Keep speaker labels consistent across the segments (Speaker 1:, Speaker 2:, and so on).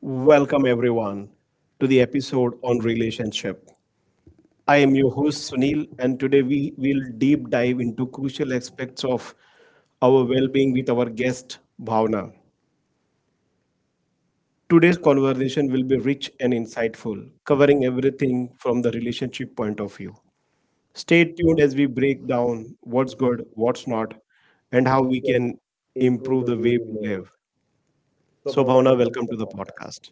Speaker 1: Welcome, everyone, to the episode on relationship. I am your host, Sunil, and today we will deep dive into crucial aspects of our well being with our guest, Bhavna. Today's conversation will be rich and insightful, covering everything from the relationship point of view. Stay tuned as we break down what's good, what's not, and how we can improve the way we live. So, Bhavna, welcome to the podcast.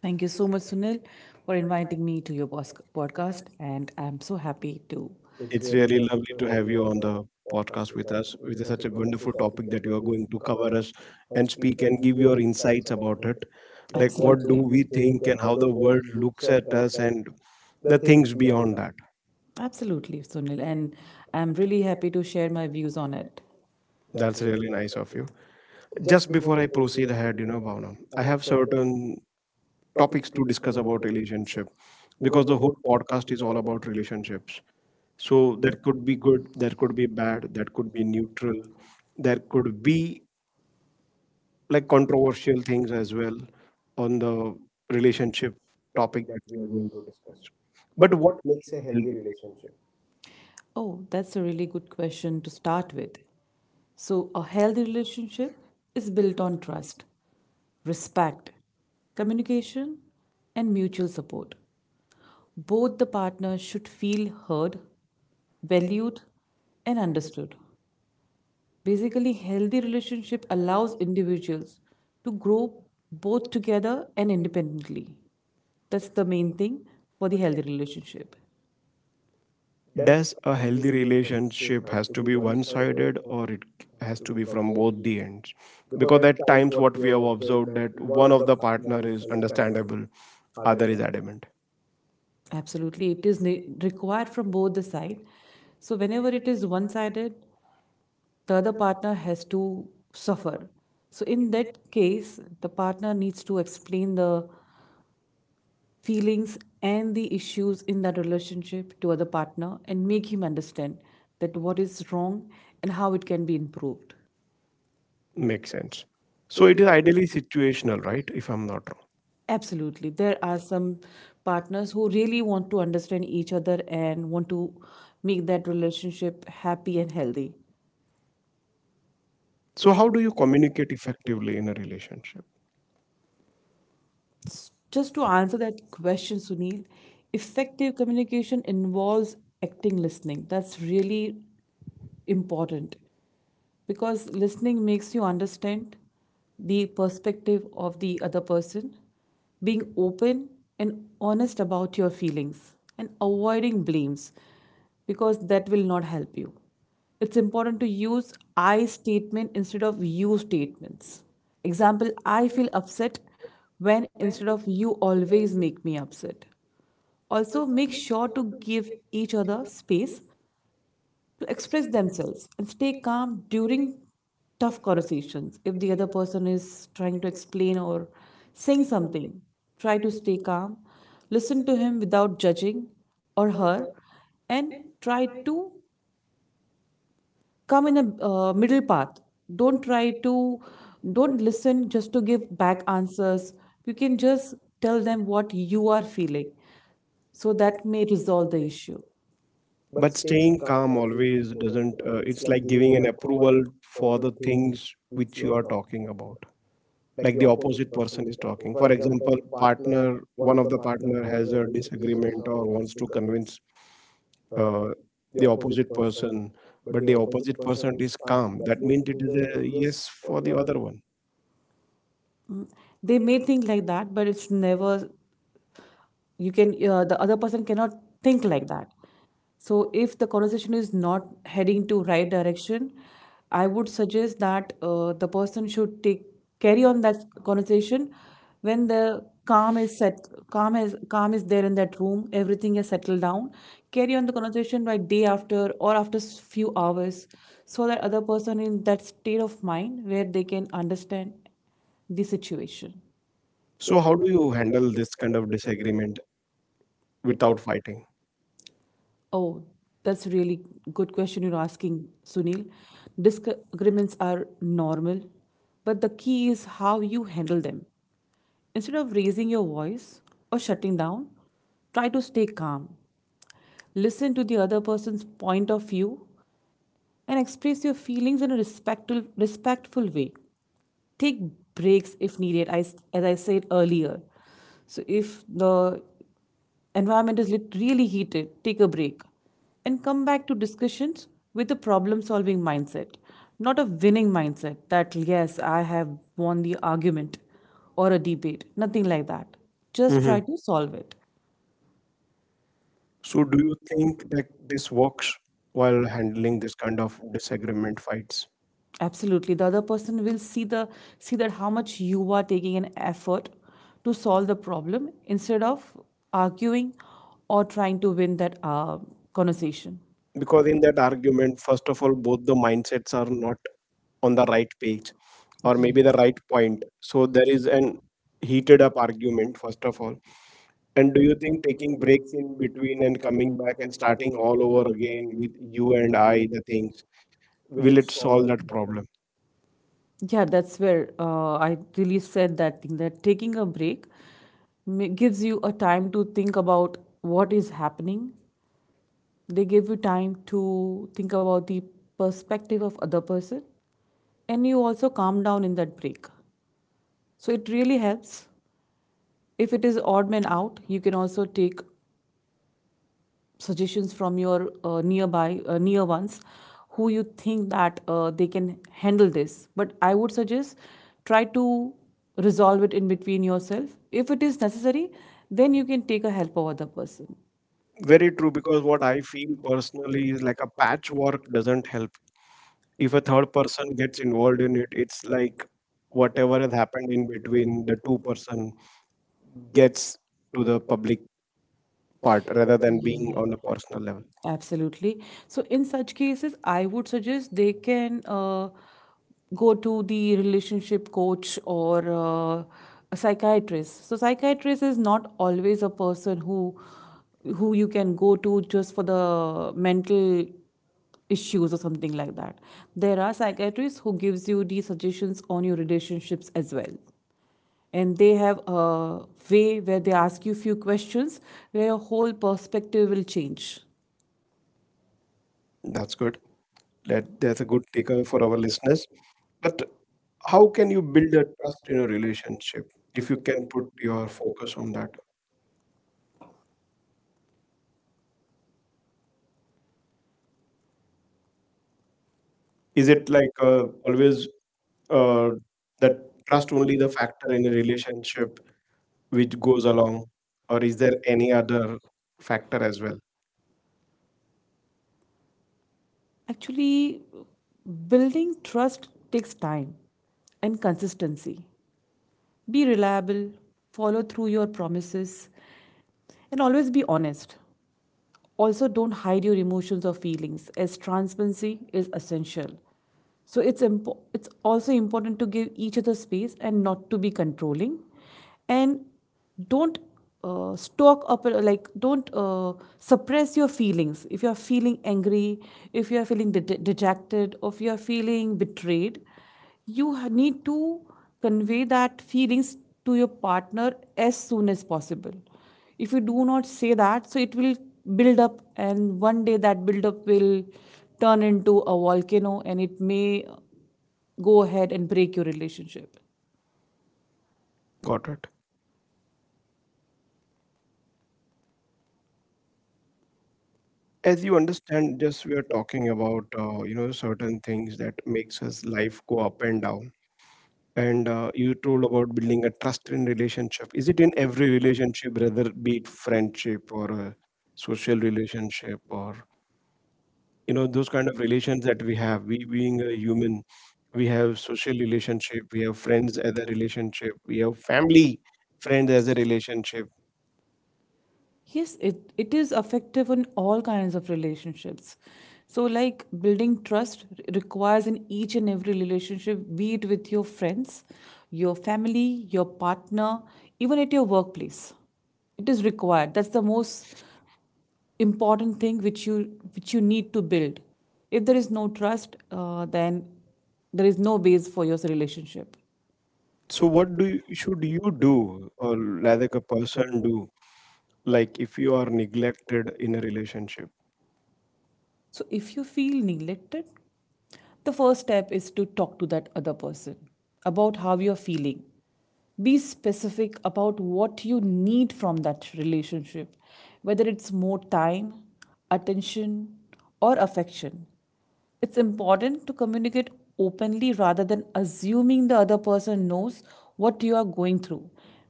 Speaker 2: Thank you so much, Sunil, for inviting me to your podcast. And I'm so happy to
Speaker 1: It's really lovely to have you on the podcast with us with such a wonderful topic that you are going to cover us and speak and give your insights about it. Like, what do
Speaker 2: absolutely,
Speaker 1: we think and how the world looks at us and the things beyond that.
Speaker 2: Sunil. And I'm really happy to share my views on it.
Speaker 1: That's really nice of you. Just before I proceed ahead, Bhavna, I have certain topics to discuss about relationship because the whole podcast is all about relationships. So that could be good, that could be bad, that could be neutral, there could be like controversial things as well on the relationship topic that we will discuss. But what is healthy relationship?
Speaker 2: Oh, that's a really good question to start with. So, a healthy relationship is built on trust, respect, communication, and mutual support. Both the partners should feel heard, valued, and understood. Basically, healthy relationship allows individuals to grow both together and independently. That's the main thing for the healthy relationship.
Speaker 1: Does a healthy relationship has to be one-sided or it has to be from both the ends? Because at times what we have observed that one of the partner is understandable, other is adamant.
Speaker 2: Absolutely, it is required from both the side. So whenever it is one-sided, the other partner has to suffer. So in that case, the partner needs to explain the feelings and the issues in that relationship to other partner and make him understand that what is wrong and how it can be improved.
Speaker 1: Makes sense. So it is ideally situational, right? If I'm not wrong.
Speaker 2: Absolutely. There are some partners who really want to understand each other and want to make that relationship happy and healthy.
Speaker 1: So how do you communicate effectively in a relationship?
Speaker 2: Just to answer that question, Sunil, effective communication involves acting listening. That's really important because listening makes you understand the perspective of the other person, being open and honest about your feelings, and avoiding blames because that will not help you. It's important to use I statement instead of you statements. Example, I feel upset when instead of you always make me upset. Also, make sure to give each other space to express themselves and stay calm during tough conversations. If the other person is trying to explain or saying something, try to stay calm, listen to him without judging or her, and try to come in a middle path. Don't try to, don't listen just to give back answers. You can just tell them what you are feeling so that may resolve the issue.
Speaker 1: But staying calm always doesn't it's like giving an approval for the things which you are talking about, like the opposite person is talking. For example, partner, one of the partner has a disagreement or wants to convince uh, the opposite person, but the opposite person is calm. That means it is a yes for the other one.
Speaker 2: Mm. They may think like that, but it's never You can The other person cannot think like that. So if the conversation is not heading to right direction, I would suggest that the person should take carry on that conversation when the calm is set calm is there in that room, everything is settled down. Carry on the conversation by day after or after few hours, so that other person in that state of mind where they can understand the situation.
Speaker 1: So how do you handle this kind of disagreement without fighting?
Speaker 2: Oh, that's a really good question you're asking, Sunil. Disagreements are normal, but the key is how you handle them. Instead of raising your voice or shutting down, try to stay calm. Listen to the other person's point of view and express your feelings in a respectful way. Take breaks if needed. As I said earlier, so if the environment is really heated, take a break and come back to discussions with a problem solving mindset, not a winning mindset that yes I have won the argument or a debate, nothing like that, just
Speaker 1: Hmm.
Speaker 2: try Mhm. to solve it.
Speaker 1: So do you think that this works while handling this kind of disagreement fights?
Speaker 2: Absolutely. The other person will see that how much you are taking an effort to solve the problem instead of arguing or trying to win that conversation.
Speaker 1: Because in that argument, first of all, both the mindsets are not on the right page, or
Speaker 2: Yeah.
Speaker 1: maybe the right point, so there is an heated up argument first of all. And do you think taking break in between and coming back and starting all over again with you and I, the things, will it solve that problem?
Speaker 2: Yeah, that's where I really said that thing that taking a break gives you a time to think about what is happening. They give you time to think about the perspective of other person, and you also calm down in that break. So it really helps. If it is odd man out, you can also take suggestions from your nearby near ones who you think that they can handle this. But I would suggest try to resolve it in between yourself. If it is necessary, then you can take a help of other person.
Speaker 1: Very true, because what I feel personally is like a patchwork doesn't help. If a third person gets involved in it, it's like whatever has happened in between the two-person gets to the public part rather than being on a personal level.
Speaker 2: Absolutely. So, in such cases, I would suggest they can go to the relationship coach or a psychiatrist. So, psychiatrist is not always a person who you can go to just for the mental issues or something like that. There are psychiatrists who gives you the suggestions on your relationships as well, and they have a way where they ask you few questions where your whole perspective will change.
Speaker 1: That's good. That, that's a good takeaway for our listeners. But how can you build a trust in a relationship if you can put your focus on that? Is it like always, uh, that trust only the factor in a relationship which goes along, or is there any other factor as well?
Speaker 2: Actually, building trust takes time and consistency. Be reliable, follow through your promises, and always be honest. Also, don't hide your emotions or feelings, as transparency is essential. So it's also important to give each other space and not to be controlling, and don't stock up like don't suppress your feelings. If you are feeling angry, if you are feeling dejected, or if you are feeling betrayed, you need to convey that feelings to your partner as soon as possible. If you do not say that, so it will build up and one day that build up will turn into a volcano and it may go ahead and break your relationship.
Speaker 1: Got it. As you understand, just we are talking about certain things that makes us life go up and down, and you told about building a trust in relationship. Is it in every relationship, rather be it friendship or a social relationship or you know those kind of relations that we have, we being a human, we have social relationship, we have friends as a relationship, we have family friends as a relationship?
Speaker 2: Yes, it is effective in all kinds of relationships. So, like building trust requires in each and every relationship, be it with your friends, your family, your partner, even at your workplace. It is required. That's the most important thing which you need to build. If there is no trust, then there is no base for your relationship.
Speaker 1: So what do you, should you do, or rather a person do, like if you are neglected in a relationship?
Speaker 2: So if you feel neglected, the first step is to talk to that other person about how you're feeling. Be specific about what you need from that relationship, whether it's more time, attention, or affection. It's important to communicate openly rather than assuming the other person knows what you are going through.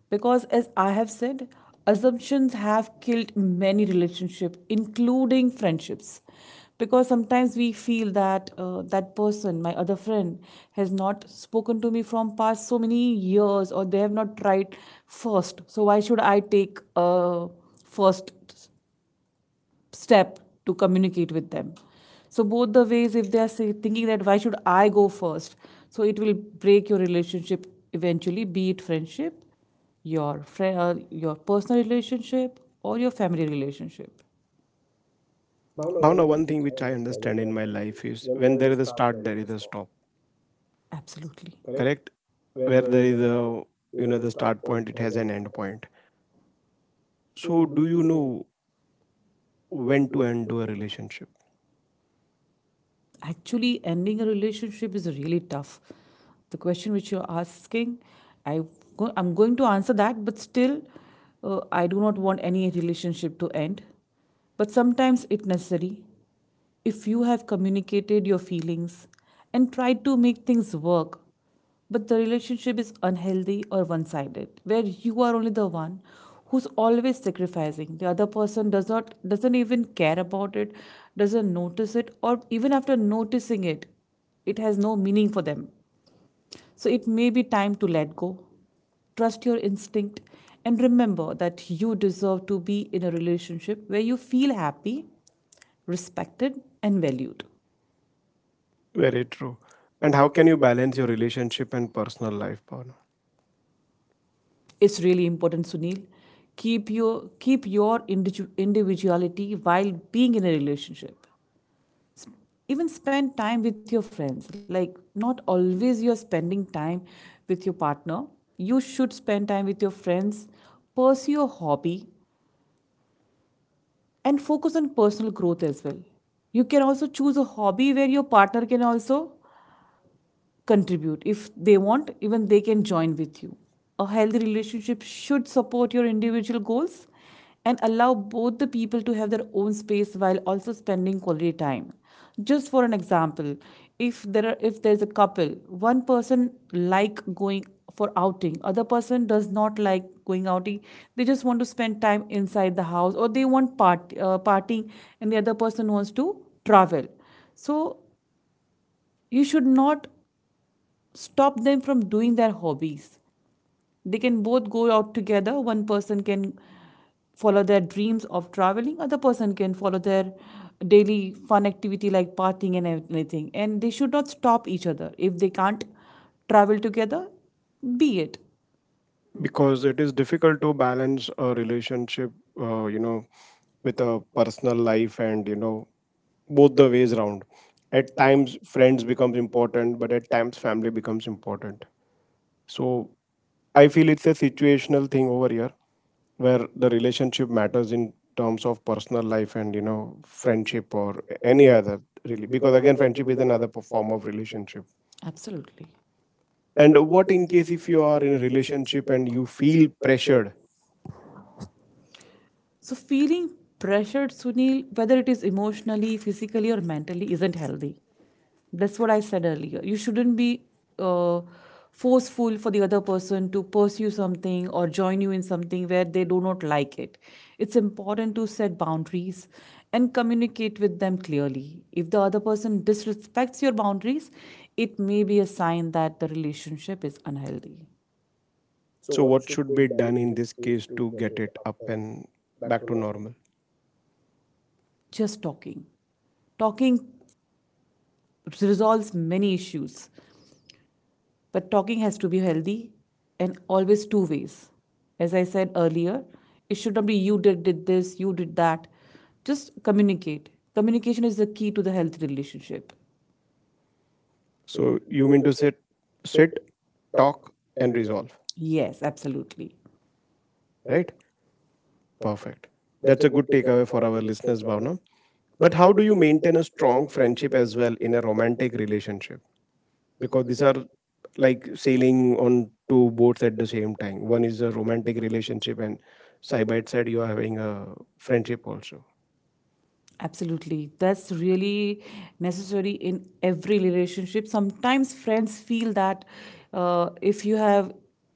Speaker 2: Because, as I have said, assumptions have killed many relationships, including friendships. Because sometimes we feel that that person, my other friend, has not spoken to me from past so many years, or they have not tried first. So why should I take first step to communicate with them, so both the ways if they are say, thinking that why should I go first, so it will break your relationship eventually, be it friendship, your friend your personal relationship or your family relationship,
Speaker 1: Now one thing which I understand in my life is when there is a start, there is a stop.
Speaker 2: absolutely.
Speaker 1: Correct? Where there is a, you know, the start point, it has an end point. So do you know when to end a relationship?
Speaker 2: Actually, ending a relationship is really tough. The question which you're asking, I I'm going to answer that, but still, I do not want any relationship to end. But sometimes it necessary. If you have communicated your feelings and tried to make things work, but the relationship is unhealthy or one sided, where you are only the one who's always sacrificing. The other person doesn't even care about it, doesn't notice it, or even after noticing it, it has no meaning for them. So it may be time to let go. Trust your instinct and remember that you deserve to be in a relationship where you feel happy, respected, and valued.
Speaker 1: Very true. And how can you balance your relationship and personal life, Pawan?
Speaker 2: It's really important, Sunil. keep your Keep your individuality while being in a relationship. Even spend time with your friends. Like, not always you're spending time with your partner, you should spend time with your friends, pursue your hobby, and focus on personal growth as well. You can also choose a hobby where your partner can also contribute. If they want, even they can join with you. A healthy relationship should support your individual goals and allow both the people to have their own space while also spending quality time. Just for an example, if there's a couple, one person like going for outing, other person does not like going outing. They just want to spend time inside the house or they want partying and the other person wants to travel. So you should not stop them from doing their hobbies. They can both go out together. One person can follow their dreams of traveling, other person can follow their daily fun activity like partying and everything. And they should not stop each other. If they can't travel together, be it.
Speaker 1: Because it is difficult to balance a relationship, you know, with a personal life and you know both the ways round. At times, friends becomes important, but at times, family becomes important. So I feel it's a situational thing over here where the relationship matters in terms of personal life and you know friendship or any other, really, because again friendship is another form of relationship.
Speaker 2: Absolutely.
Speaker 1: And what in case if you are in a relationship and you feel pressured?
Speaker 2: So feeling pressured, Sunil, whether it is emotionally, physically, or mentally, isn't healthy. That's what I said earlier. You shouldn't be uh, forceful for the other person to pursue something or join you in something where they do not like it. It's important to set boundaries and communicate with them clearly. If the other person disrespects your boundaries, it may be a sign that the relationship is unhealthy.
Speaker 1: So what should be done in this case to get it up and back to normal?
Speaker 2: Just talking. Talking resolves many issues. But talking has to be healthy and always two ways. As I said earlier, it should not be you did this, you did that. Just communicate. Communication is the key to the healthy relationship.
Speaker 1: So you mean to sit, talk and resolve,
Speaker 2: Yes, absolutely.
Speaker 1: right? Perfect. That's a good takeaway for our listeners, Bhavna. But how do you maintain a strong friendship as well in a romantic relationship? Because these are like sailing on two boats at the same time. One is a romantic relationship, and side by side, you are having a friendship also.
Speaker 2: Absolutely. That's really necessary in every relationship. Sometimes friends feel that if you have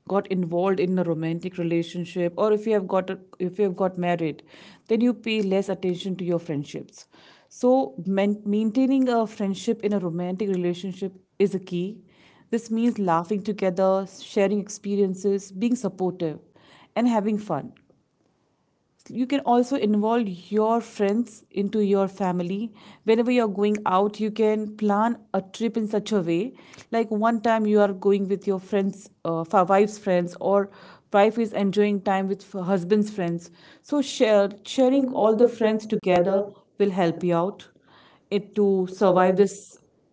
Speaker 2: got involved in a romantic relationship or if you have got married, then you pay less attention to your friendships. So maintaining a friendship in a romantic relationship is a key. This means laughing together, sharing experiences, being supportive, and having fun. You can also involve your friends into your family. Whenever you're going out, you can plan a trip in such a way, like one time you are going with your friends for wife's friends, or wife is enjoying time with her husband's friends. So sharing all the friends together will help you out it to survive this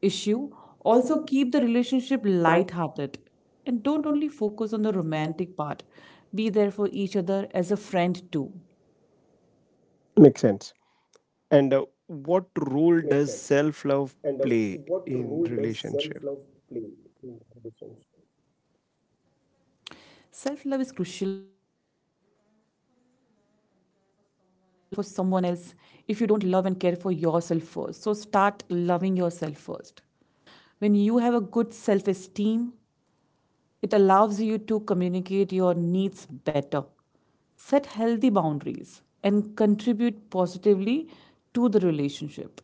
Speaker 2: issue. Also keep the relationship light-hearted and don't only focus on the romantic part. Be there for each other as a friend too.
Speaker 1: Makes sense. And what role does self love play in relationship?
Speaker 2: Self love is crucial for the healthy relationship. You can't fully love and care for someone else if you don't love and care for yourself first. So start loving yourself first. When you have a good self esteem, it allows you to communicate your needs better, set healthy boundaries, and contribute positively to the relationship.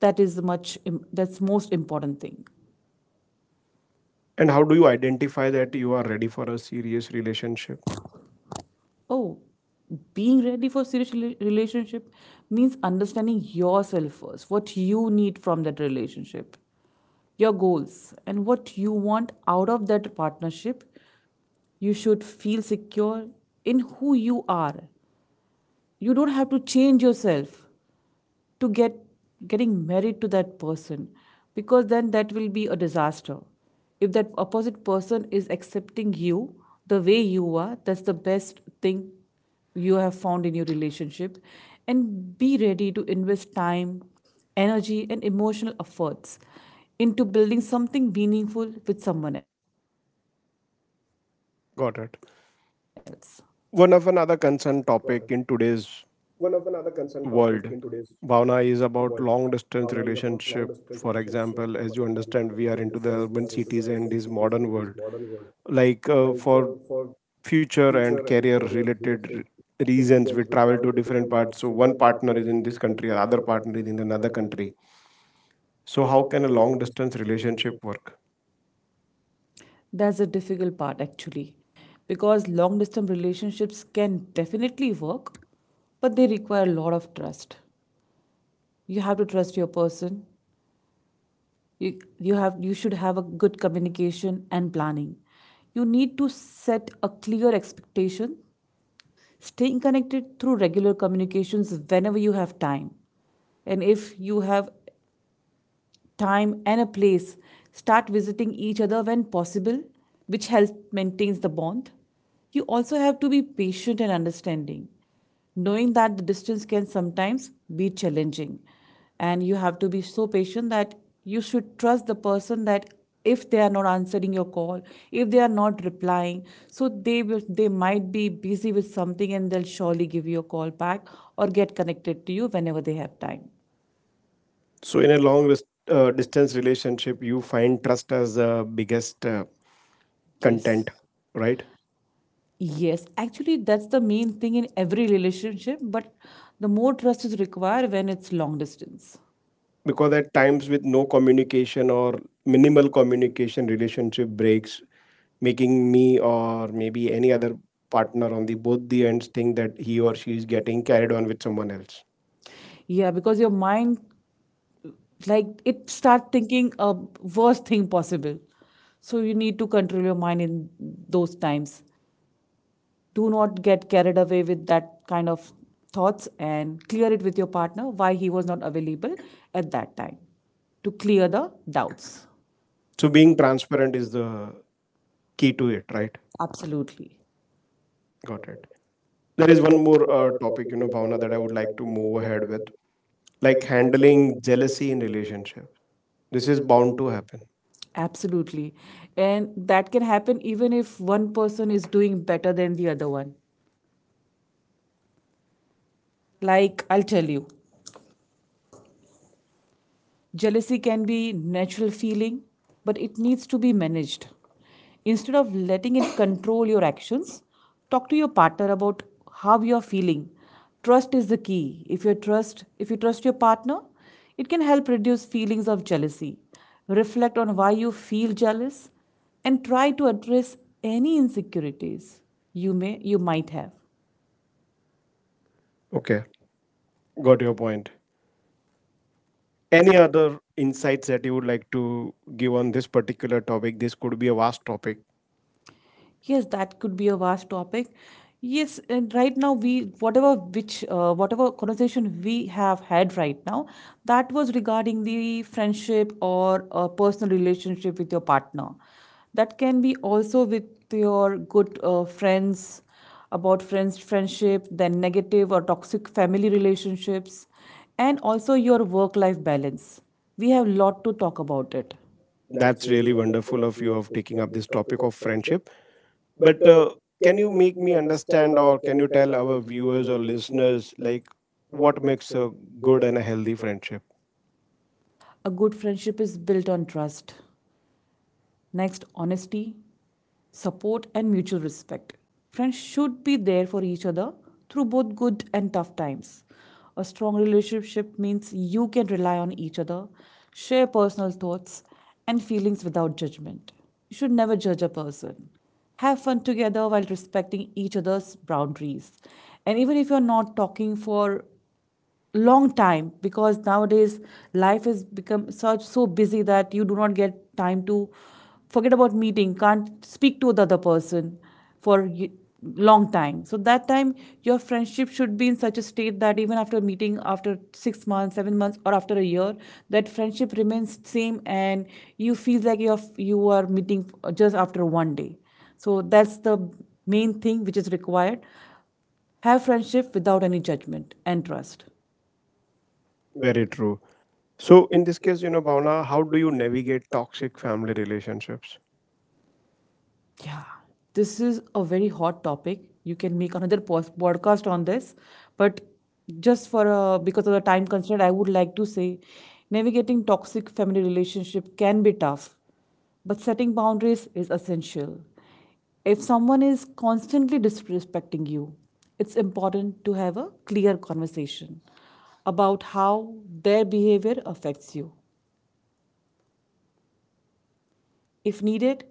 Speaker 2: That's most important thing.
Speaker 1: And how do you identify that you are ready for a serious relationship?
Speaker 2: Oh, being ready for serious relationship means understanding yourself first, what you need from that relationship, your goals, and what you want out of that partnership. You should feel secure in who you are. You don't have to change yourself to getting married to that person, because then that will be a disaster. If that opposite person is accepting you the way you are, that's the best thing you have found in your relationship. And be ready to invest time, energy, and emotional efforts into building something meaningful with someone else.
Speaker 1: Got it. One of another concern topic in today's world. Bhavna, is about long distance relationship. For example, as you understand, we are into the urban cities and this modern world. Like, for future and career related reasons, we travel to different parts. So one partner is in this country, other partner is in another country. So how can a long distance relationship work?
Speaker 2: That's a difficult part actually, because long distance relationships can definitely work, but they require a lot of trust. You have to trust your person. You should have a good communication and planning. You need to set a clear expectation, staying connected through regular communications whenever you have time. And if you have time and a place, start visiting each other when possible, which helps maintains the bond. You also have to be patient and understanding, knowing that the distance can sometimes be challenging. And you have to be so patient that you should trust the person, that if they are not answering your call, if they are not replying, so they might be busy with something and they'll surely give you a call back, or get connected to you whenever they have time.
Speaker 1: So in a long distance relationship, you find trust as the biggest
Speaker 2: Yes.
Speaker 1: content, right?
Speaker 2: Yes, actually, that's the main thing in every relationship, but the more trust is required when it's long distance.
Speaker 1: Because at times with no communication or minimal communication relationship breaks, making me or maybe any other partner on the both the ends think that he or she is getting carried on with someone else.
Speaker 2: Yeah, because your mind, like, it start thinking a worst thing possible. So you need to control your mind in those times. Do not get carried away with that kind of thoughts and clear it with your partner why he was not available at that time, to clear the doubts.
Speaker 1: So being transparent is the key to it, right?
Speaker 2: Absolutely.
Speaker 1: Got it. There is one more topic, you know, Bhavna, that I would like to move ahead with, like handling jealousy in relationship. This is bound to happen.
Speaker 2: Absolutely. And that can happen even if one person is doing better than the other one. Like, I'll tell you. Jealousy can be natural feeling, but it needs to be managed. Instead of letting it control your actions, talk to your partner about how you are feeling. Trust is the key. If you trust your partner, it can help reduce feelings of jealousy. Reflect on why you feel jealous and try to address any insecurities you might have.
Speaker 1: Okay, got your point. Any other insights that you would like to give on this particular topic? This could be a vast topic.
Speaker 2: Yes, that could be a vast topic. Yes, and right now, we whatever which whatever conversation we have had right now, that was regarding the friendship or a personal relationship with your partner. That can be also with your good friends, about friendship, then negative or toxic family relationships, and also your work life balance. We have lot to talk about it.
Speaker 1: That's really wonderful of you of taking up this topic of friendship. But can you make me understand, or can you tell our viewers or listeners like what makes a good and a healthy friendship?
Speaker 2: A good friendship is built on trust. Next, honesty, support, and mutual respect. Friends should be there for each other through both good and tough times. A strong relationship means you can rely on each other, share personal thoughts and feelings without judgment. You should never judge a person. Have fun together while respecting each other's boundaries. And even if you're not talking for long time, because nowadays life has become such so busy that you do not get time to, forget about meeting, can't speak to the other person for long time. So that time your friendship should be in such a state that even after meeting after 6 months, 7 months, or after a year, that friendship remains same, and you feel like you are meeting just after one day. So that's the main thing which is required: have friendship without any judgment and trust.
Speaker 1: Very true. So in this case, you know, Bhavna, how do you navigate toxic family relationships?
Speaker 2: Yeah, this is a very hot topic. You can make another podcast on this, but just for because of the time constraint, I would like to say, navigating toxic family relationship can be tough, but setting boundaries is essential. If someone is constantly disrespecting you, it's important to have a clear conversation about how their behavior affects you. If needed,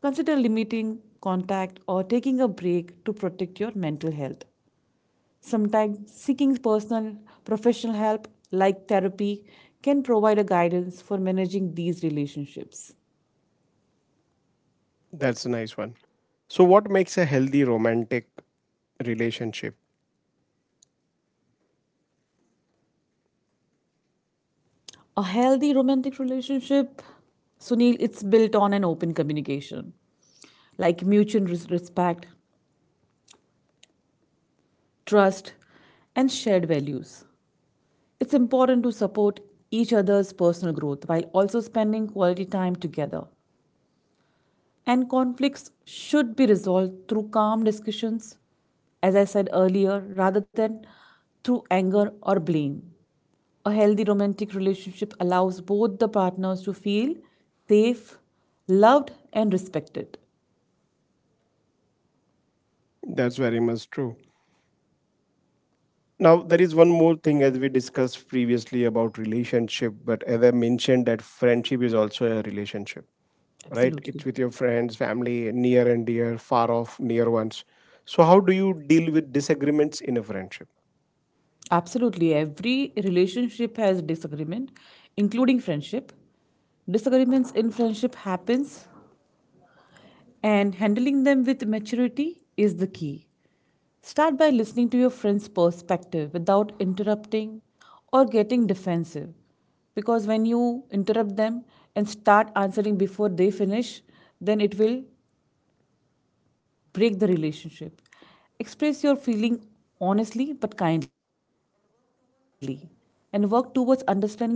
Speaker 2: consider limiting contact or taking a break to protect your mental health. Sometimes seeking personal professional help like therapy can provide a guidance for managing these relationships.
Speaker 1: That's a nice one. So what makes a healthy romantic relationship?
Speaker 2: A healthy romantic relationship, Sunil, it's built on an open communication, like mutual respect, trust, and shared values. It's important to support each other's personal growth while also spending quality time together. And conflicts should be resolved through calm discussions, as I said earlier, rather than through anger or blame. A healthy romantic relationship allows both the partners to feel safe, loved, and respected.
Speaker 1: That's very much true. Now, there is one more thing as we discussed previously about relationship, but as I mentioned, that friendship is also a relationship, right? It's
Speaker 2: Absolutely.
Speaker 1: with your friends, family, near and dear, far off, near ones. So, how do you deal with disagreements in a friendship?
Speaker 2: Absolutely. Every relationship has disagreement, including friendship. Disagreements in friendship happens, and handling them with maturity is the key. Start by listening to your friend's perspective without interrupting or getting defensive. Because when you interrupt them and start answering before they finish, then it will break the relationship. Express your feeling honestly but kindly and work towards understanding each other's points of view.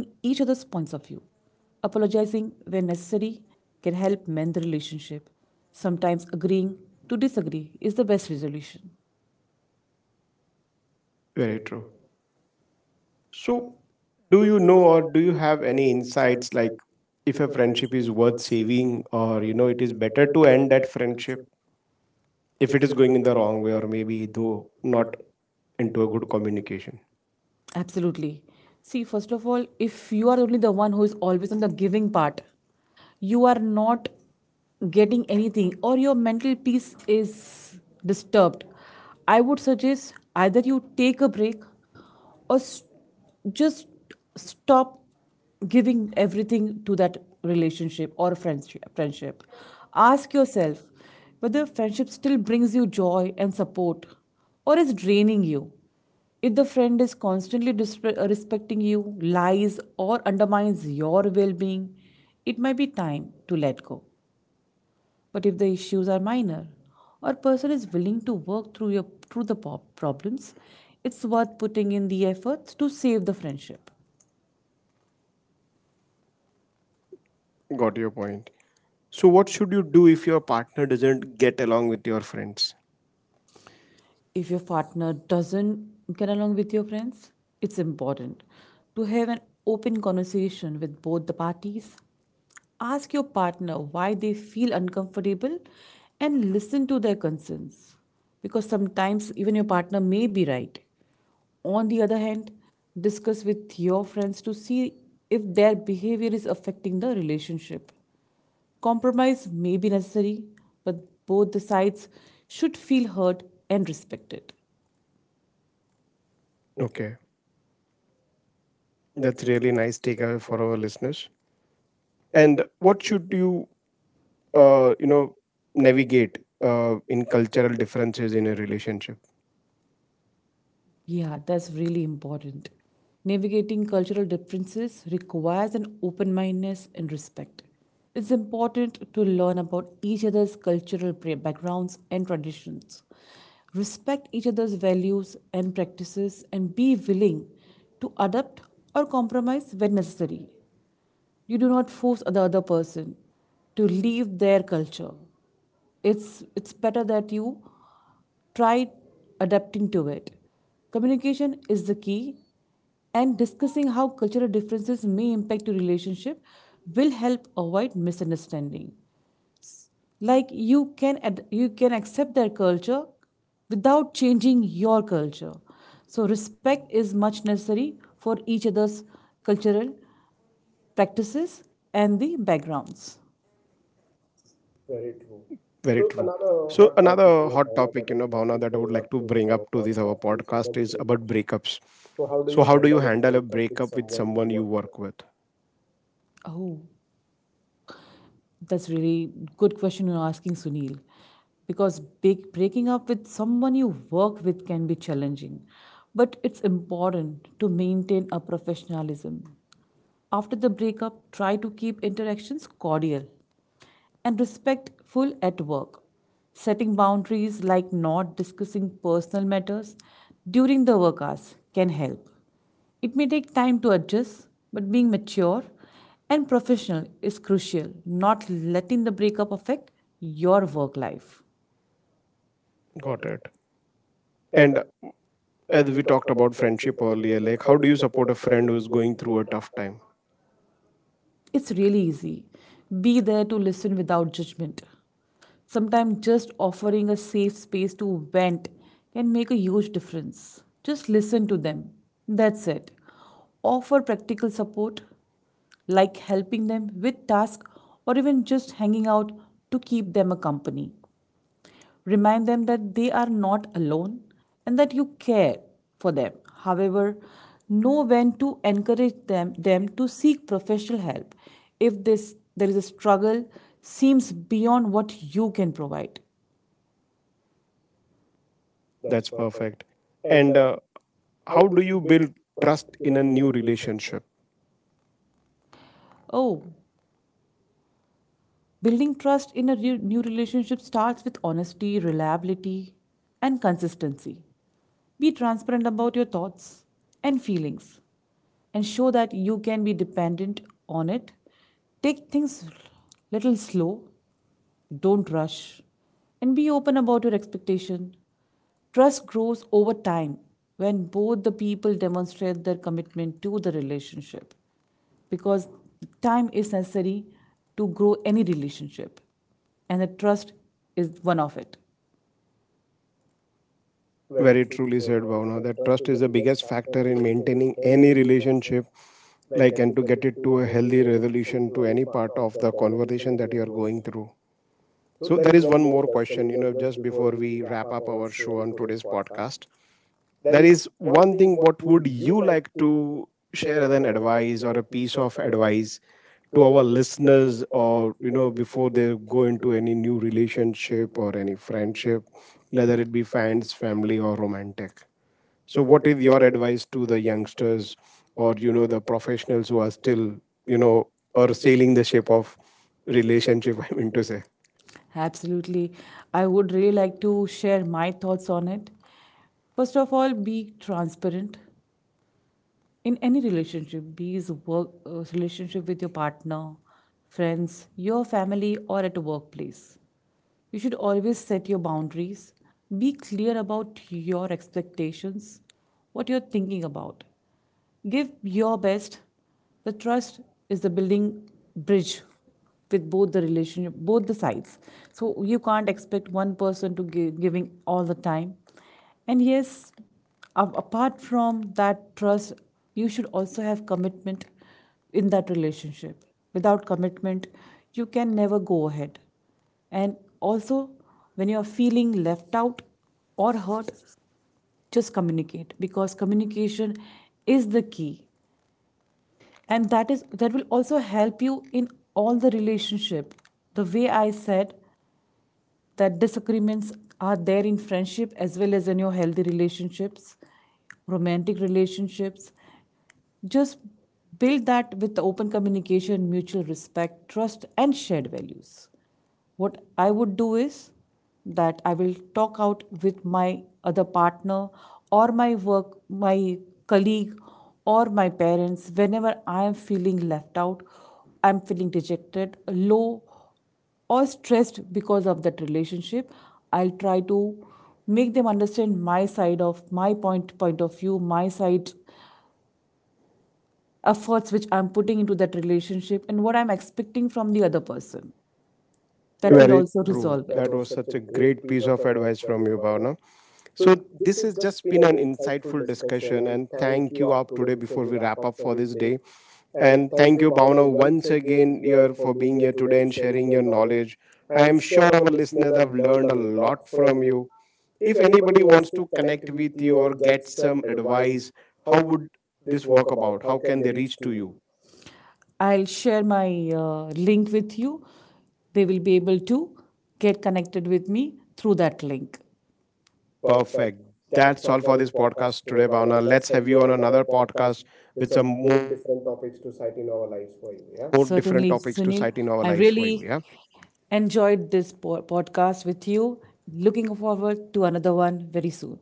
Speaker 2: Apologizing when necessary can help mend the relationship. Sometimes agreeing to disagree is the best resolution.
Speaker 1: Very true. So, do you know or do you have any insights like if a friendship is worth saving, or you know it is better to end that friendship if it is going in the wrong way or maybe though not into a good communication?
Speaker 2: Absolutely. See, first of all, if you are only the one who is always on the giving part, you are not getting anything, or your mental peace is disturbed. I would suggest either you take a break or just stop giving everything to that relationship or friendship. Ask yourself whether friendship still brings you joy and support, or is draining you. If the friend is constantly respecting you, lies or undermines your well-being, it might be time to let go. But if the issues are minor, or person is willing to work through the problems, it's worth putting in the effort to save the friendship.
Speaker 1: Got your point. So, what should you do if your partner doesn't get along with your friends?
Speaker 2: If your partner doesn't get along with your friends, it's important to have an open conversation with both the parties. Ask your partner why they feel uncomfortable and listen to their concerns, because sometimes even your partner may be right. On the other hand, discuss with your friends to see if their behavior is affecting the relationship. Compromise may be necessary, but both the sides should feel heard and respected.
Speaker 1: Okay, that's really nice takeaway for our listeners. And what should you, uh, you know, navigate in cultural differences in a relationship?
Speaker 2: Yeah, that's really important. Navigating cultural differences requires an open mindedness and respect. It's important to learn about each other's cultural backgrounds and traditions. Respect each other's values and practices and be willing to adapt or compromise when necessary. You do not force the other person to leave their culture. It's better that you try adapting to it. Communication is the key, and discussing how cultural differences may impact your relationship will help avoid misunderstanding. Like you can accept their culture without changing your culture. So respect is much necessary for each other's cultural practices and the backgrounds.
Speaker 1: Very true. So, another hot topic, you know, Bhavna, that I would like to bring up to this our podcast is about breakups. So, how do you handle a breakup with someone you work with?
Speaker 2: Oh. That's really good question you're asking, Sunil. Because breaking up with someone you work with can be challenging, but it's important to maintain a professionalism. After the breakup, try to keep interactions cordial and respectful at work. Setting boundaries like not discussing personal matters during the work hours can help. It may take time to adjust, but being mature and professional is crucial, not letting the breakup affect your work life.
Speaker 1: Got it. And as we talked about friendship earlier, like how do you support a friend who's going through a tough time?
Speaker 2: It's really easy. Be there to listen without judgment. Sometimes just offering a safe space to vent can make a huge difference. Just listen to them. That's it. Offer practical support, like helping them with tasks or even just hanging out to keep them a company. Remind them that they are not alone and that you care for them. However, know when to encourage them to seek professional help if there is a struggle seems beyond what you can provide.
Speaker 1: That's perfect. And how do you build trust in a new relationship?
Speaker 2: Oh, building trust in a new relationship starts with honesty, reliability, and consistency. Be transparent about your thoughts and feelings and show that you can be dependent on it. Take things little slow, don't rush, and be open about your expectation. Trust grows over time when both the people demonstrate their commitment to the relationship, because time is necessary to grow any relationship, and the trust is one of it.
Speaker 1: Very truly said, Bhavna, that trust is the biggest factor in maintaining any relationship, like, and to get it to a healthy resolution to any part of the conversation that you are going through. So, there is one more question, you know, just before we wrap up our show on today's podcast. That is one thing. What would you like to share as an advice or a piece of advice to our listeners, or you know, before they go into any new relationship or any friendship, whether it be fans, family, or romantic? So, what is your advice to the youngsters, or you know the professionals who are still, you know, or sailing the ship of relationship? I mean to say.
Speaker 2: Absolutely. I would really like to share my thoughts on it. First of all, be transparent, in any relationship, be it work relationship with your partner, friends, your family, or at a workplace. You should always set your boundaries, be clear about your expectations, what you're thinking about, give your best. The trust is the building bridge, with both the relationship, both the sides. So you can't expect one person to give giving all the time. And yes, apart from that trust, you should also have commitment in that relationship. Without commitment, you can never go ahead. And also, when you are feeling left out or hurt, just communicate, because communication is the key. And that will also help you in all the relationship. The way I said, that disagreements are there in friendship as well as in your healthy relationships, romantic relationships. Just build that with the open communication, mutual respect, trust, and shared values. What I would do is that I will talk out with my other partner or my colleague, or my parents whenever I am feeling left out, I'm feeling dejected, low, or stressed because of that relationship. I'll try to make them understand my side of my point of view, my side, efforts which I'm putting into that relationship and what I'm expecting from the other person.
Speaker 1: Very
Speaker 2: Also
Speaker 1: true.
Speaker 2: resolve.
Speaker 1: That was such a great piece of advice from you, Bhavna. So this has just been an insightful discussion, and thank you up today before we wrap up for this day. And thank you, Bhavna, once again here for being here today and sharing your knowledge. I am sure our listeners have learned a lot from you. If anybody wants to connect with you or get some advice, how would this work about? How can they reach to you?
Speaker 2: I'll share my link with you. They will be able to get connected with me through that link.
Speaker 1: Perfect. That's all for this podcast today, Bhavna. Let's have you on another podcast with some more different topics to cite in our lives for you. Yeah.
Speaker 2: Certainly, Sunil. I really enjoyed this podcast with you. Looking forward to another one very soon.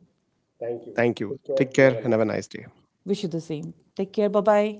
Speaker 1: Thank you. Take care and have a nice day.
Speaker 2: Wish you the same. Take care. Bye bye.